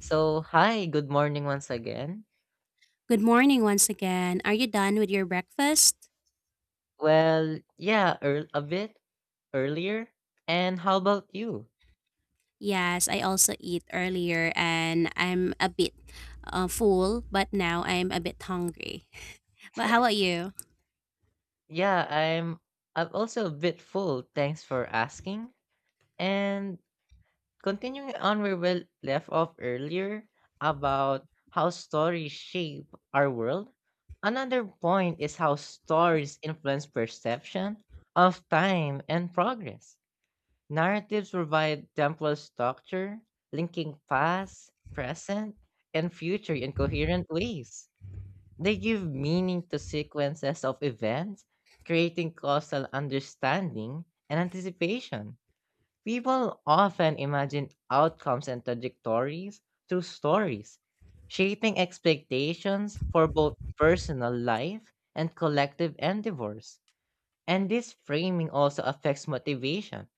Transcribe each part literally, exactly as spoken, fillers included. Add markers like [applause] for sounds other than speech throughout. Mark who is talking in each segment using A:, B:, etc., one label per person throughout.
A: So, hi, good morning once again.
B: Good morning once again. Are you done with your breakfast?
A: Well, yeah, ear a bit earlier. And how about you?
B: Yes, I also eat earlier and I'm a bit uh, full, but now I'm a bit hungry. [laughs] But how about you?
A: Yeah, I'm I'm also a bit full. Thanks for asking. And continuing on where we left off earlier about how stories shape our world. Another point is how stories influence perception of time and progress. Narratives provide temporal structure, linking past, present, and future in coherent ways. They give meaning to sequences of events, creating causal understanding and anticipation. People often imagine outcomes and trajectories through stories, shaping expectations for both personal life and collective endeavors. And this framing also affects motivation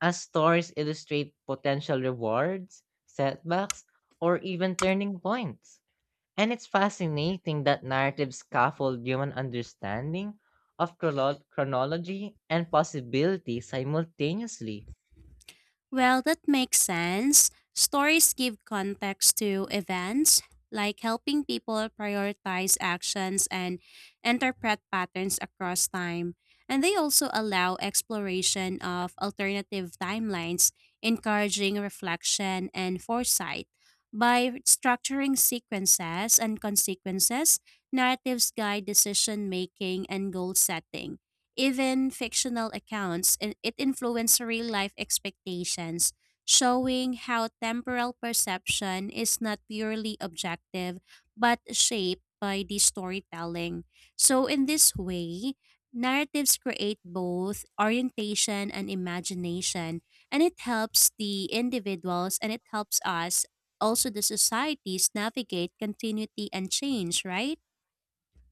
A: as stories illustrate potential rewards, setbacks, or even turning points. And it's fascinating that narratives scaffold human understanding of chrono- chronology and possibility simultaneously.
B: Well, that makes sense. Stories give context to events, like helping people prioritize actions and interpret patterns across time. And they also allow exploration of alternative timelines, encouraging reflection and foresight. By structuring sequences and consequences, narratives guide decision making and goal setting. Even fictional accounts, and it influenced real life expectations, showing how temporal perception is not purely objective but shaped by the storytelling. So, in this way, narratives create both orientation and imagination, and it helps the individuals and it helps us, also the societies, navigate continuity and change, right?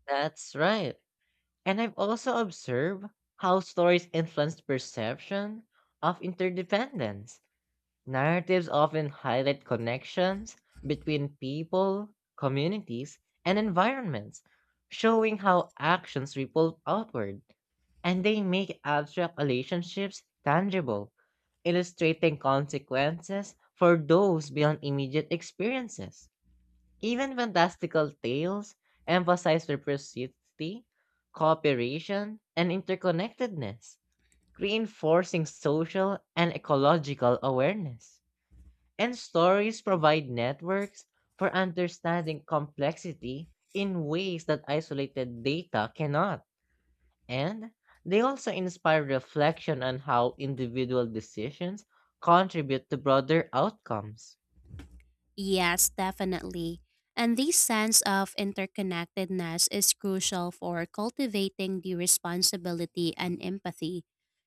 A: That's right. And I've also observed how stories influence perception of interdependence. Narratives often highlight connections between people, communities, and environments, showing how actions ripple outward and they make abstract relationships tangible, illustrating consequences for those beyond immediate experiences. Even fantastical tales emphasize reciprocity, cooperation, and interconnectedness, reinforcing social and ecological awareness. And stories provide networks for understanding complexity in ways that isolated data cannot. And they also inspire reflection on how individual decisions contribute to broader outcomes.
B: Yes, definitely. And this sense of interconnectedness is crucial for cultivating the responsibility and empathy.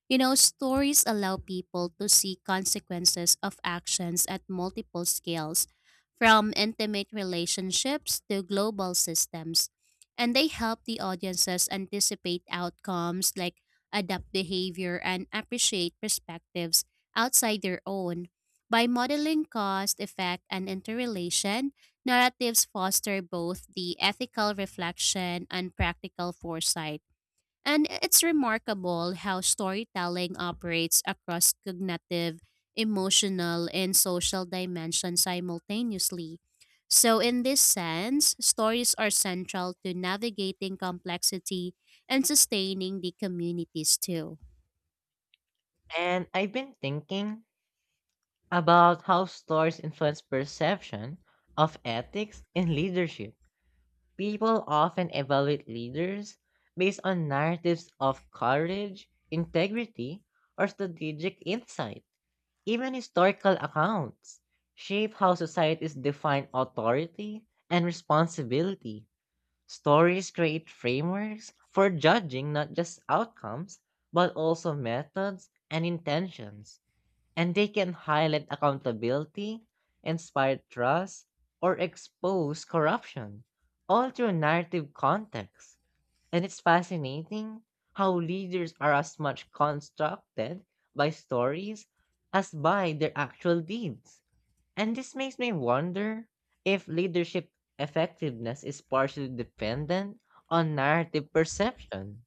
B: You know, stories allow people to see consequences of actions at multiple scales, from intimate relationships to global systems. And they help the audiences anticipate outcomes like adapt behavior and appreciate perspectives outside their own. By modeling cause, effect, and interrelation, narratives foster both the ethical reflection and practical foresight. And it's remarkable how storytelling operates across cognitive, emotional, and social dimensions simultaneously. So, in this sense, stories are central to navigating complexity and sustaining the communities too.
A: And I've been thinking about how stories influence perception of ethics in leadership. People often evaluate leaders based on narratives of courage, integrity, or strategic insight. Even historical accounts shape how societies define authority and responsibility. Stories create frameworks for judging not just outcomes, but also methods and intentions, and they can highlight accountability, inspire trust, or expose corruption, all through narrative context. And it's fascinating how leaders are as much constructed by stories as by their actual deeds. And this makes me wonder if leadership effectiveness is partially dependent on narrative perception.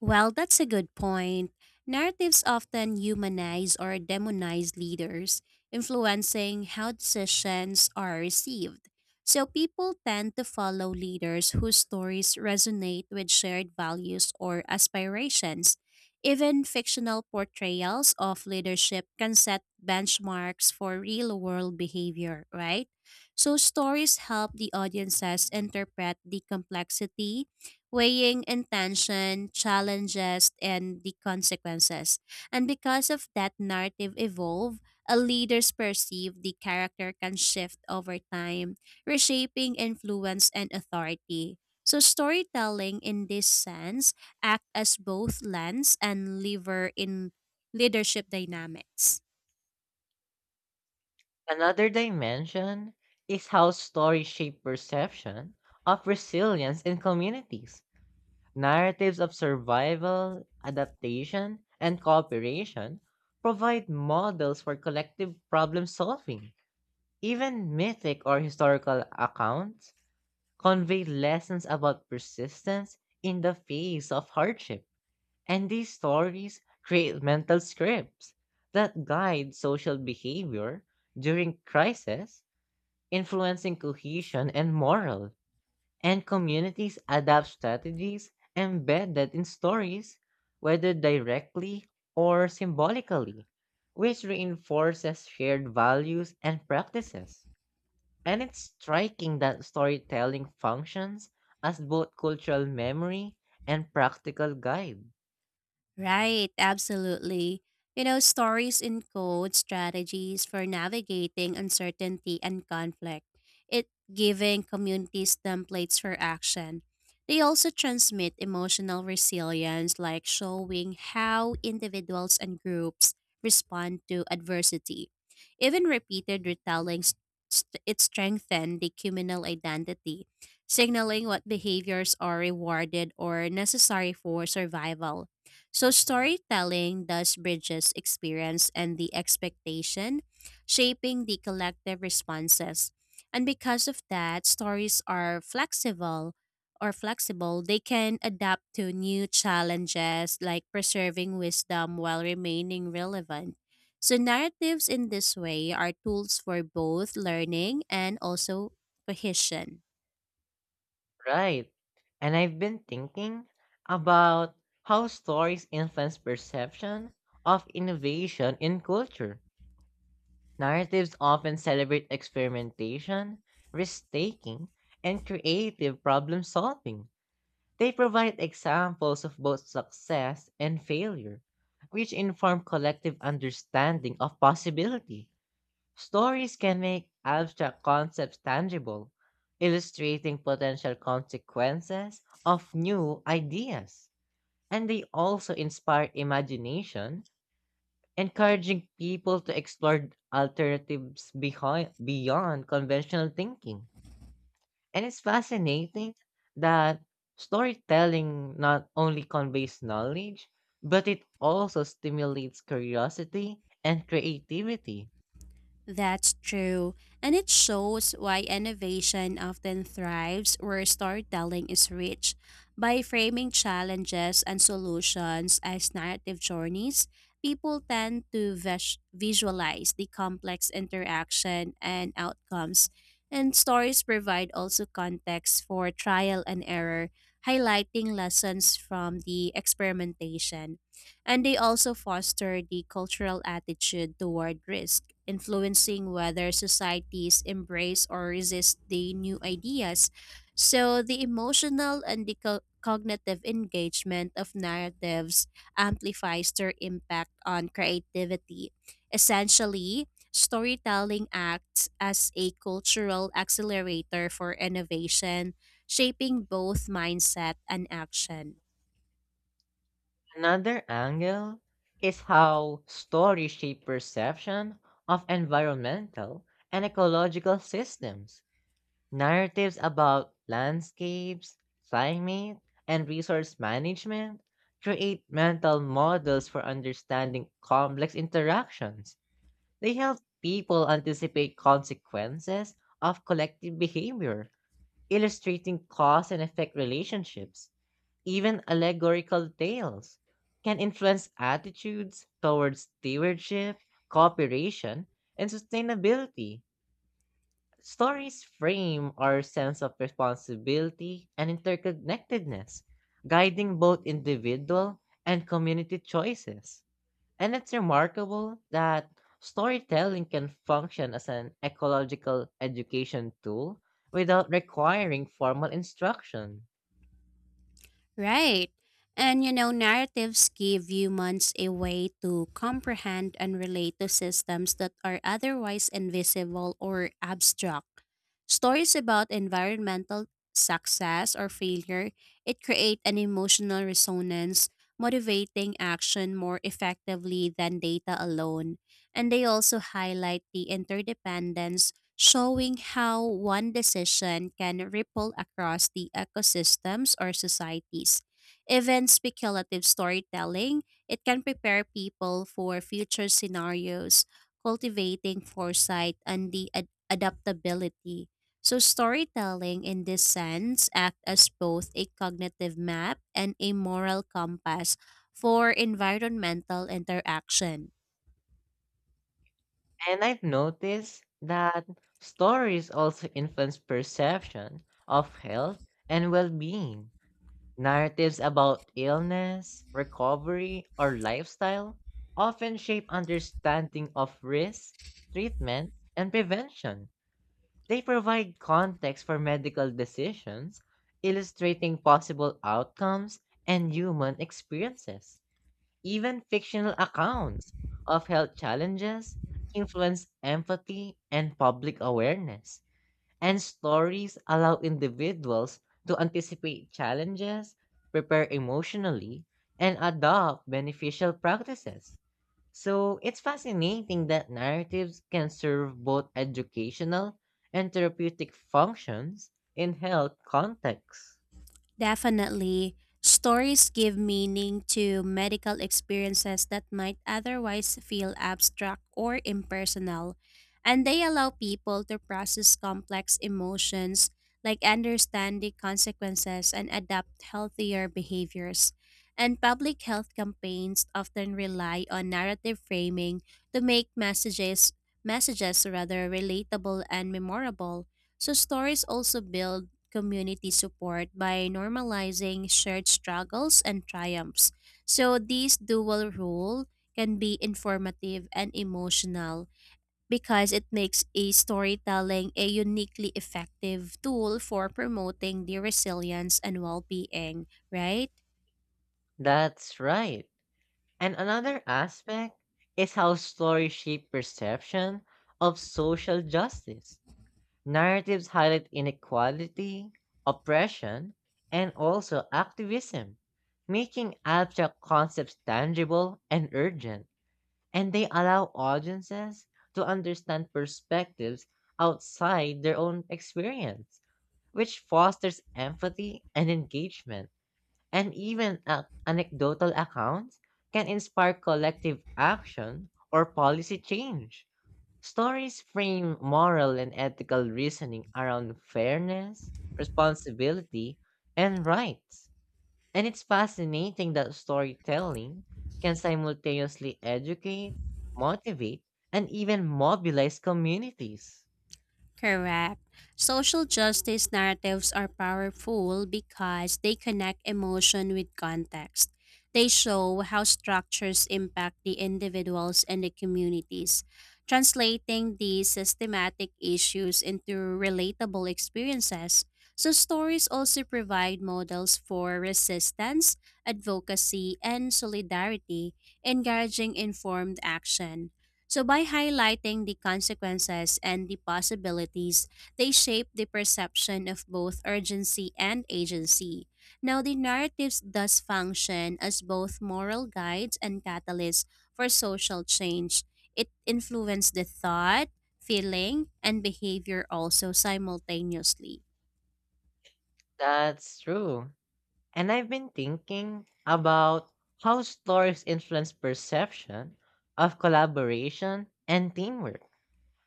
B: Well, that's a good point. Narratives often humanize or demonize leaders, influencing how decisions are received. So people tend to follow leaders whose stories resonate with shared values or aspirations. Even fictional portrayals of leadership can set benchmarks for real world behavior, right? So stories help the audiences interpret the complexity weighing intention, challenges, and the consequences. And because of that narrative evolve, a leader's perceived the character can shift over time, reshaping influence and authority. So storytelling in this sense act as both lens and lever in leadership dynamics.
A: Another dimension is how stories shape perception of resilience in communities. Narratives of survival, adaptation, and cooperation provide models for collective problem solving. Even mythic or historical accounts convey lessons about persistence in the face of hardship. And these stories create mental scripts that guide social behavior during crisis, influencing cohesion and morale and communities adapt strategies embedded in stories, whether directly or symbolically, which reinforces shared values and practices. And it's striking that storytelling functions as both cultural memory and practical guide.
B: Right, absolutely. You know, stories encode strategies for navigating uncertainty and conflict, it giving communities templates for action. They also transmit emotional resilience, like showing how individuals and groups respond to adversity. Even repeated retellings, st- it strengthen the communal identity, signaling what behaviors are rewarded or necessary for survival. So, storytelling thus bridges experience and the expectation, shaping the collective responses. And because of that, stories are flexible or flexible. They can adapt to new challenges like preserving wisdom while remaining relevant. So, narratives in this way are tools for both learning and also cohesion.
A: Right. And I've been thinking about how stories influence perception of innovation in culture. Narratives often celebrate experimentation, risk taking, and creative problem solving. They provide examples of both success and failure, which inform collective understanding of possibility. Stories can make abstract concepts tangible, illustrating potential consequences of new ideas. And they also inspire imagination encouraging people to explore alternatives behind beyond conventional thinking. And it's fascinating that storytelling not only conveys knowledge, but it also stimulates curiosity and creativity.
B: That's true, and it shows why innovation often thrives where storytelling is rich. By framing challenges and solutions as narrative journeys, people tend to vis- visualize the complex interaction and outcomes. And stories provide also context for trial and error, highlighting lessons from the experimentation and they also foster the cultural attitude toward risk, influencing whether societies embrace or resist the new ideas. So, the emotional and the co- cognitive engagement of narratives amplifies their impact on creativity. Essentially, storytelling acts as a cultural accelerator for innovation, shaping both mindset and action.
A: Another angle is how stories shape perception of environmental and ecological systems. Narratives about landscapes, climate, and resource management create mental models for understanding complex interactions. They help people anticipate consequences of collective behavior, illustrating cause and effect relationships. Even allegorical tales can influence attitudes towards stewardship, cooperation, and sustainability. Stories frame our sense of responsibility and interconnectedness, guiding both individual and community choices. And it's remarkable that storytelling can function as an ecological education tool without requiring formal instruction.
B: Right. And you know, narratives give humans a way to comprehend and relate to systems that are otherwise invisible or abstract. Stories about environmental success or failure, it create an emotional resonance, motivating action more effectively than data alone. And they also highlight the interdependence showing how one decision can ripple across the ecosystems or societies. Even speculative storytelling, it can prepare people for future scenarios, cultivating foresight and the ad- adaptability. So storytelling in this sense act as both a cognitive map and a moral compass for environmental interaction.
A: And I've noticed that stories also influence perception of health and well being. Narratives about illness, recovery, or lifestyle often shape understanding of risk, treatment, and prevention. They provide context for medical decisions, illustrating possible outcomes and human experiences. Even fictional accounts of health challenges influence empathy and public awareness and stories allow individuals to anticipate challenges, prepare emotionally, and adopt beneficial practices. So it's fascinating that narratives can serve both educational and therapeutic functions in health contexts.
B: Definitely. Stories give meaning to medical experiences that might otherwise feel abstract or impersonal, and they allow people to process complex emotions, like understand the consequences and adapt healthier behaviors. And public health campaigns often rely on narrative framing to make messages messages rather relatable and memorable. So stories also build community support by normalizing shared struggles and triumphs. So, this dual role can be informative and emotional because it makes a storytelling a uniquely effective tool for promoting the resilience and well being, right?
A: That's right. And another aspect is how stories shape perception of social justice. Narratives highlight inequality, oppression, and also activism, making abstract concepts tangible and urgent, and they allow audiences to understand perspectives outside their own experience, which fosters empathy and engagement. And even ac- anecdotal accounts can inspire collective action or policy change. Stories frame moral and ethical reasoning around fairness, responsibility, and rights. And it's fascinating that storytelling can simultaneously educate, motivate, and even mobilize communities.
B: Correct. Social justice narratives are powerful because they connect emotion with context. They show how structures impact the individuals and the communities, translating these systematic issues into relatable experiences. So, stories also provide models for resistance, advocacy, and solidarity, encouraging informed action. So, by highlighting the consequences and the possibilities, they shape the perception of both urgency and agency. Now, the narratives thus function as both moral guides and catalysts for social change. It influences the thought, feeling, and behavior also simultaneously.
A: That's true. And I've been thinking about how stories influence perception of collaboration and teamwork.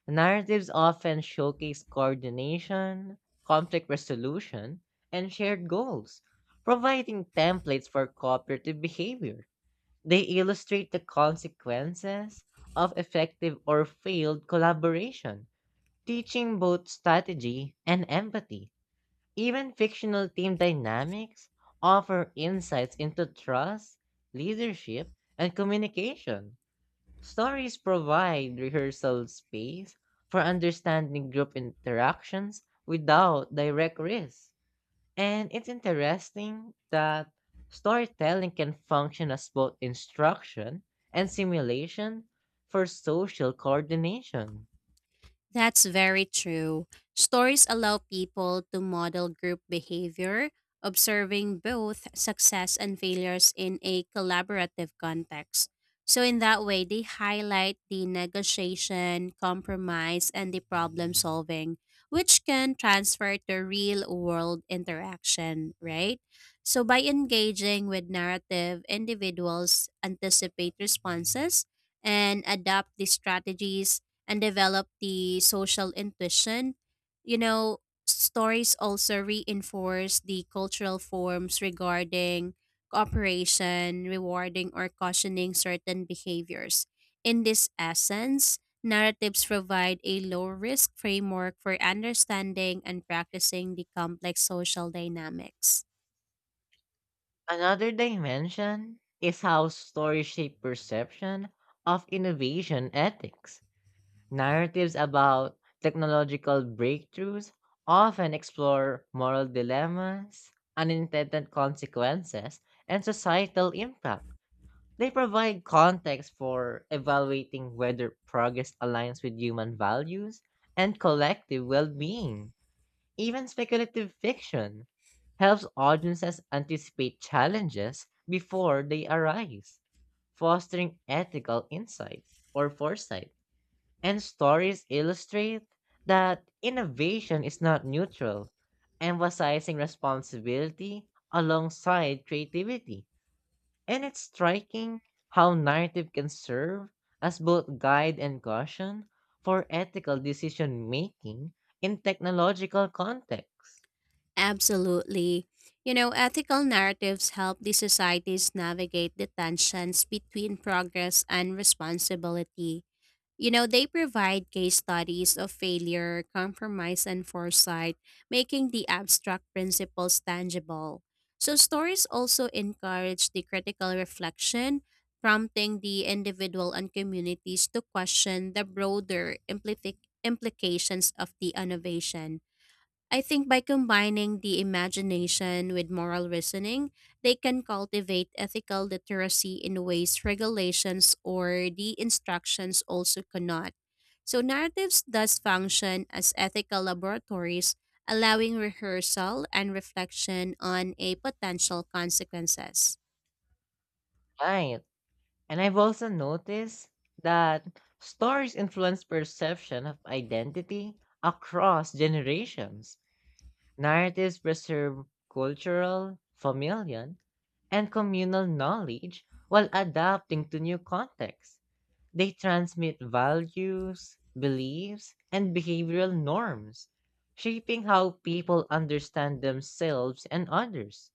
A: Narratives often showcase coordination, conflict resolution, and shared goals, providing templates for cooperative behavior. They illustrate the consequences of effective or failed collaboration, teaching both strategy and empathy. Even fictional team dynamics offer insights into trust, leadership, and communication. Stories provide rehearsal space for understanding group interactions without direct risk. And it's interesting that storytelling can function as both instruction and simulation for social coordination.
B: That's very true. Stories allow people to model group behavior, observing both success and failures in a collaborative context. So, in that way, they highlight the negotiation, compromise, and the problem solving, which can transfer to real world interaction, right? So, by engaging with narrative, individuals anticipate responses and adapt the strategies and develop the social intuition. You know, stories also reinforce the cultural forms regarding cooperation, rewarding, or cautioning certain behaviors. In this essence, narratives provide a low risk framework for understanding and practicing the complex social dynamics.
A: Another dimension is how stories shape perception of innovation ethics. Narratives about technological breakthroughs often explore moral dilemmas, unintended consequences, and societal impact. They provide context for evaluating whether progress aligns with human values and collective well being. Even speculative fiction helps audiences anticipate challenges before they arise, fostering ethical insight or foresight. And stories illustrate that innovation is not neutral, emphasizing responsibility alongside creativity. And it's striking how narrative can serve as both guide and caution for ethical decision making in technological contexts.
B: Absolutely. You know, ethical narratives help the societies navigate the tensions between progress and responsibility. You know, they provide case studies of failure, compromise, and foresight, making the abstract principles tangible. So, stories also encourage the critical reflection, prompting the individual and communities to question the broader implica- implications of the innovation. I think by combining the imagination with moral reasoning, they can cultivate ethical literacy in ways regulations or the instructions also cannot. So narratives thus function as ethical laboratories, allowing rehearsal and reflection on a potential consequences.
A: Right. And I've also noticed that stories influence perception of identity across generations. Narratives preserve cultural, familial, and communal knowledge while adapting to new contexts. They transmit values, beliefs, and behavioral norms, shaping how people understand themselves and others.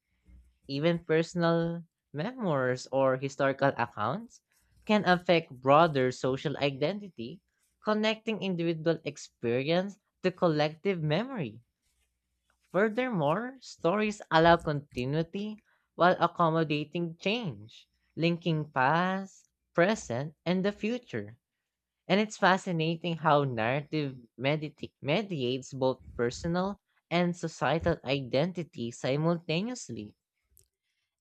A: Even personal memoirs or historical accounts can affect broader social identity, connecting individual experience to collective memory. Furthermore, stories allow continuity while accommodating change, linking past, present, and the future. And it's fascinating how narrative medita- mediates both personal and societal identity simultaneously.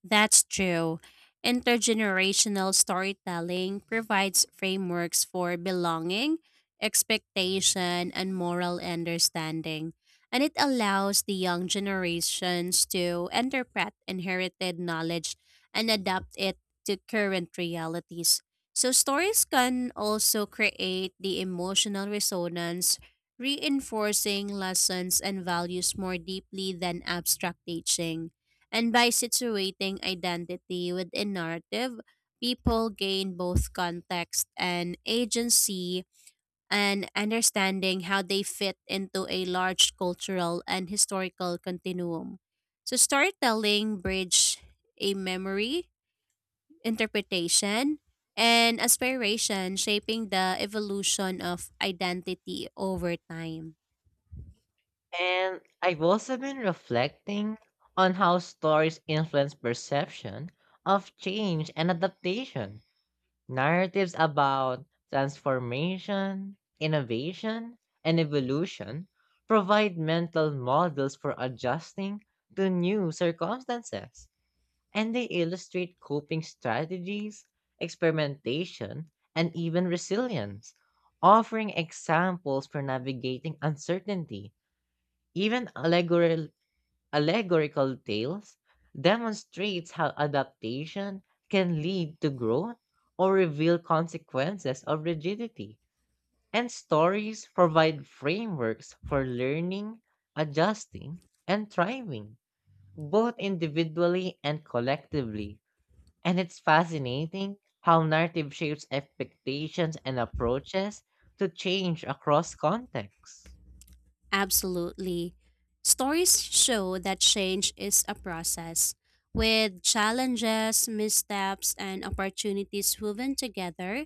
B: That's true. Intergenerational storytelling provides frameworks for belonging, expectation, and moral understanding, and it allows the young generations to interpret inherited knowledge and adapt it to current realities. So, stories can also create the emotional resonance, reinforcing lessons and values more deeply than abstract teaching. And by situating identity with a narrative, people gain both context and agency and understanding how they fit into a large cultural and historical continuum. So, storytelling bridge a memory, interpretation, and aspiration, shaping the evolution of identity over time.
A: And I've also been reflecting on how stories influence perception of change and adaptation. Narratives about transformation, innovation, and evolution provide mental models for adjusting to new circumstances, and they illustrate coping strategies, experimentation, and even resilience, offering examples for navigating uncertainty. Even allegorical Allegorical Tales demonstrates how adaptation can lead to growth or reveal consequences of rigidity. And stories provide frameworks for learning, adjusting, and thriving, both individually and collectively. And it's fascinating how narrative shapes expectations and approaches to change across contexts.
B: Absolutely. Stories show that change is a process, with challenges, missteps, and opportunities woven together.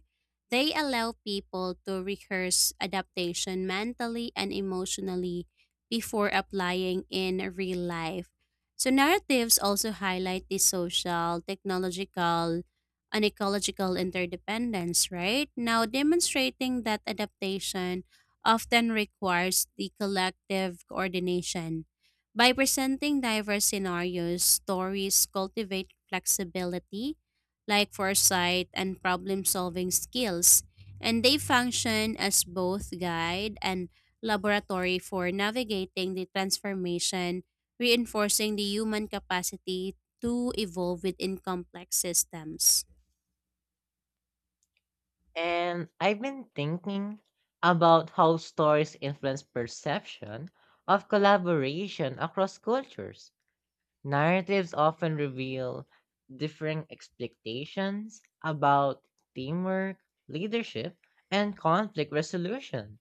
B: They allow people to rehearse adaptation mentally and emotionally before applying in real life. So, narratives also highlight the social, technological, and ecological interdependence, right? Now, demonstrating that adaptation often requires the collective coordination. By presenting diverse scenarios, stories cultivate flexibility, like foresight and problem solving skills, and they function as both guide and laboratory for navigating the transformation, reinforcing the human capacity to evolve within complex systems.
A: And I've been thinking about how stories influence perception of collaboration across cultures. Narratives often reveal differing expectations about teamwork, leadership, and conflict resolution.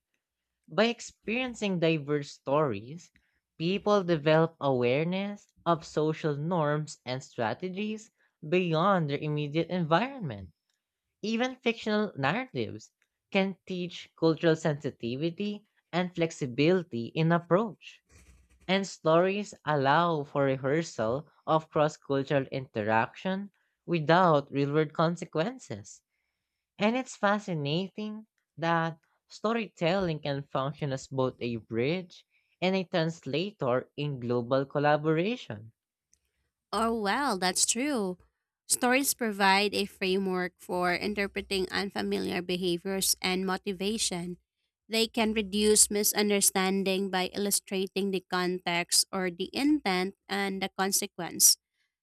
A: By experiencing diverse stories, people develop awareness of social norms and strategies beyond their immediate environment. Even fictional narratives can teach cultural sensitivity and flexibility in approach. And stories allow for rehearsal of cross cultural interaction without real world consequences. And it's fascinating that storytelling can function as both a bridge and a translator in global collaboration.
B: Oh, well, that's true. Stories provide a framework for interpreting unfamiliar behaviors and motivation. They can reduce misunderstanding by illustrating the context or the intent and the consequence.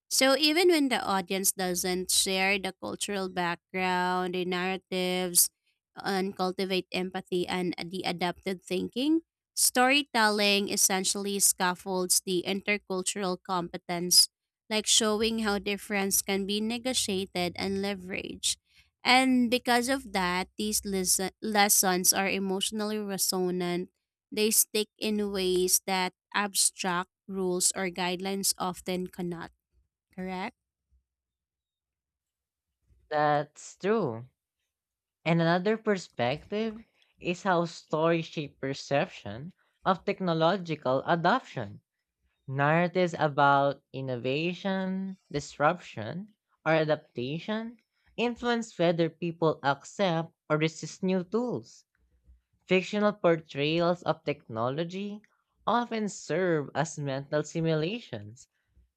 B: So even when the audience doesn't share the cultural background, the narratives, and cultivate empathy and the adaptive thinking, storytelling essentially scaffolds the intercultural competence, like showing how difference can be negotiated and leveraged. And because of that, these lesson- lessons are emotionally resonant. They stick in ways that abstract rules or guidelines often cannot. Correct?
A: That's true. And another perspective is how stories shape perception of technological adoption. Narratives about innovation, disruption, or adaptation influence whether people accept or resist new tools. Fictional portrayals of technology often serve as mental simulations,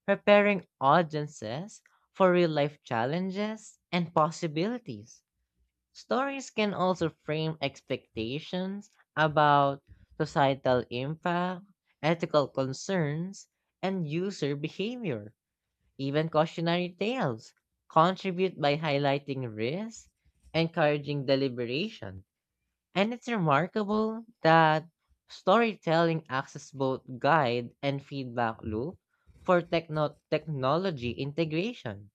A: preparing audiences for real life challenges and possibilities. Stories can also frame expectations about societal impact, ethical concerns, and user behavior. Even cautionary tales contribute by highlighting risk, encouraging deliberation. And it's remarkable that storytelling acts as both guide and feedback loop for techno- technology integration.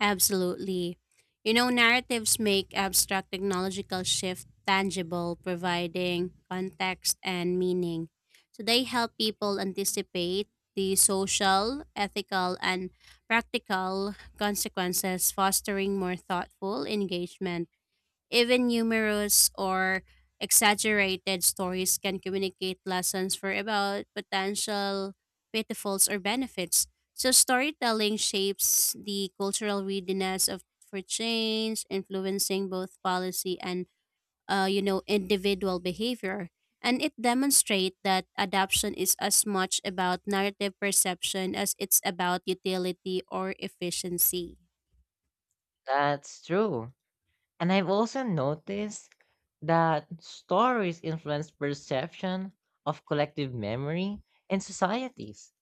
B: Absolutely. You know, narratives make abstract technological shift tangible, providing context and meaning. So they help people anticipate the social, ethical, and practical consequences, fostering more thoughtful engagement. Even numerous or exaggerated stories can communicate lessons for about potential pitfalls or benefits. So storytelling shapes the cultural readiness of for change, influencing both policy and uh, you know individual behavior. And it demonstrates that adoption is as much about narrative perception as it's about utility or efficiency.
A: That's true. And I've also noticed that stories influence perception of collective memory in societies.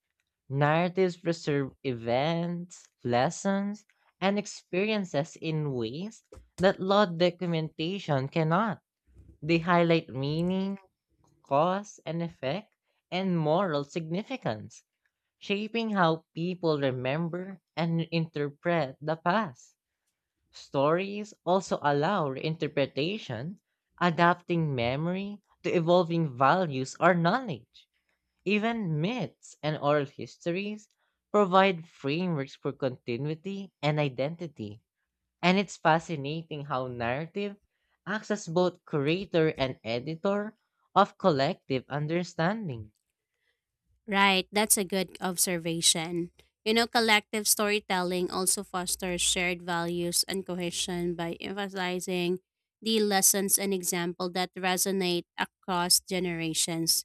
A: Narratives preserve events, lessons, and experiences in ways that law documentation cannot. They highlight meaning, cause and effect, and moral significance, shaping how people remember and interpret the past. Stories also allow reinterpretation, adapting memory to evolving values or knowledge. Even myths and oral histories provide frameworks for continuity and identity. And it's fascinating how narrative acts as both creator and editor of collective understanding.
B: Right, that's a good observation. You know, collective storytelling also fosters shared values and cohesion by emphasizing the lessons and example that resonate across generations.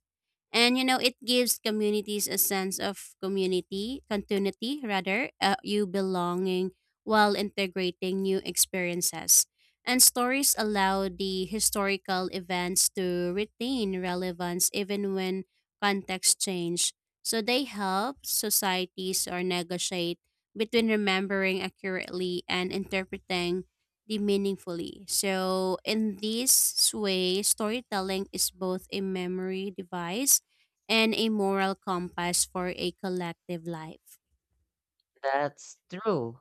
B: And you know, it gives communities a sense of community, continuity rather, uh, you belonging while integrating new experiences. And stories allow the historical events to retain relevance even when context change. So they help societies or negotiate between remembering accurately and interpreting the meaningfully. So in this way, storytelling is both a memory device and a moral compass for a collective life.
A: That's true.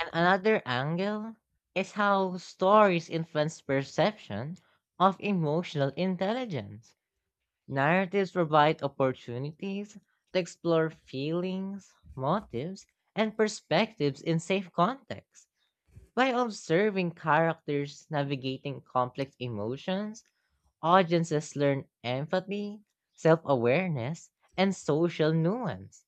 A: And another angle is how stories influence perception of emotional intelligence. Narratives provide opportunities to explore feelings, motives, and perspectives in safe context. By observing characters navigating complex emotions, audiences learn empathy, self awareness, and social nuance.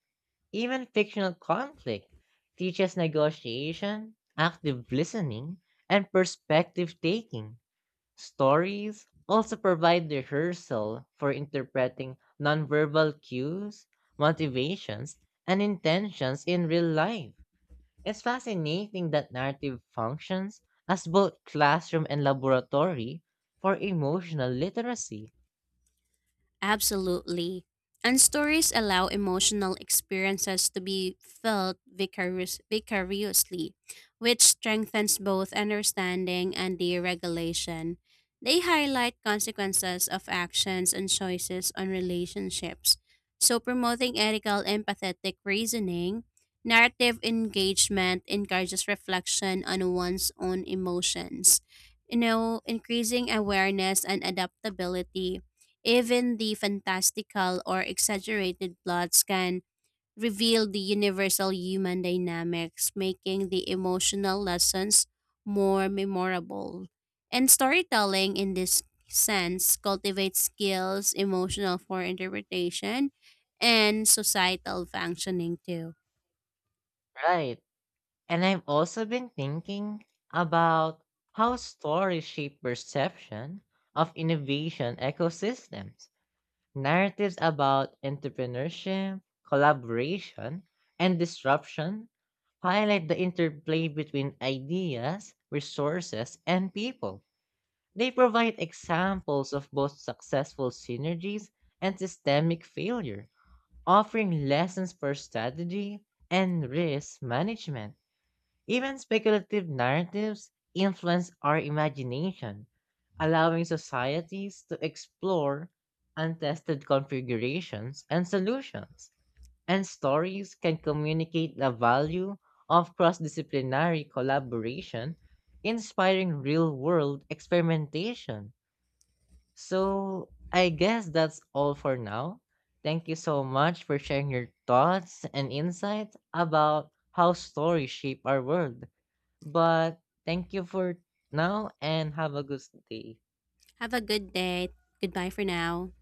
A: Even fictional conflict teaches negotiation, active listening, and perspective taking. Stories also provide rehearsal for interpreting nonverbal cues, motivations, and intentions in real life. It's fascinating that narrative functions as both classroom and laboratory for emotional literacy.
B: Absolutely. And stories allow emotional experiences to be felt vicarious, vicariously, which strengthens both understanding and deregulation. They highlight consequences of actions and choices on relationships. So, promoting ethical empathetic reasoning, narrative engagement encourages reflection on one's own emotions. You know, increasing awareness and adaptability even the fantastical or exaggerated plots can reveal the universal human dynamics, making the emotional lessons more memorable. And storytelling, in this sense, cultivates skills emotional for interpretation and societal functioning too.
A: Right. And I've also been thinking about how stories shape perception of innovation ecosystems. Narratives about entrepreneurship, collaboration, and disruption highlight the interplay between ideas, resources, and people. They provide examples of both successful synergies and systemic failure, offering lessons for strategy and risk management. Even speculative narratives influence our imagination, allowing societies to explore untested configurations and solutions. And stories can communicate the value of cross disciplinary collaboration, inspiring real world experimentation. So, I guess that's all for now. Thank you so much for sharing your thoughts and insights about how stories shape our world. But thank you for now and have a good day.
B: Have a good day. Goodbye for now.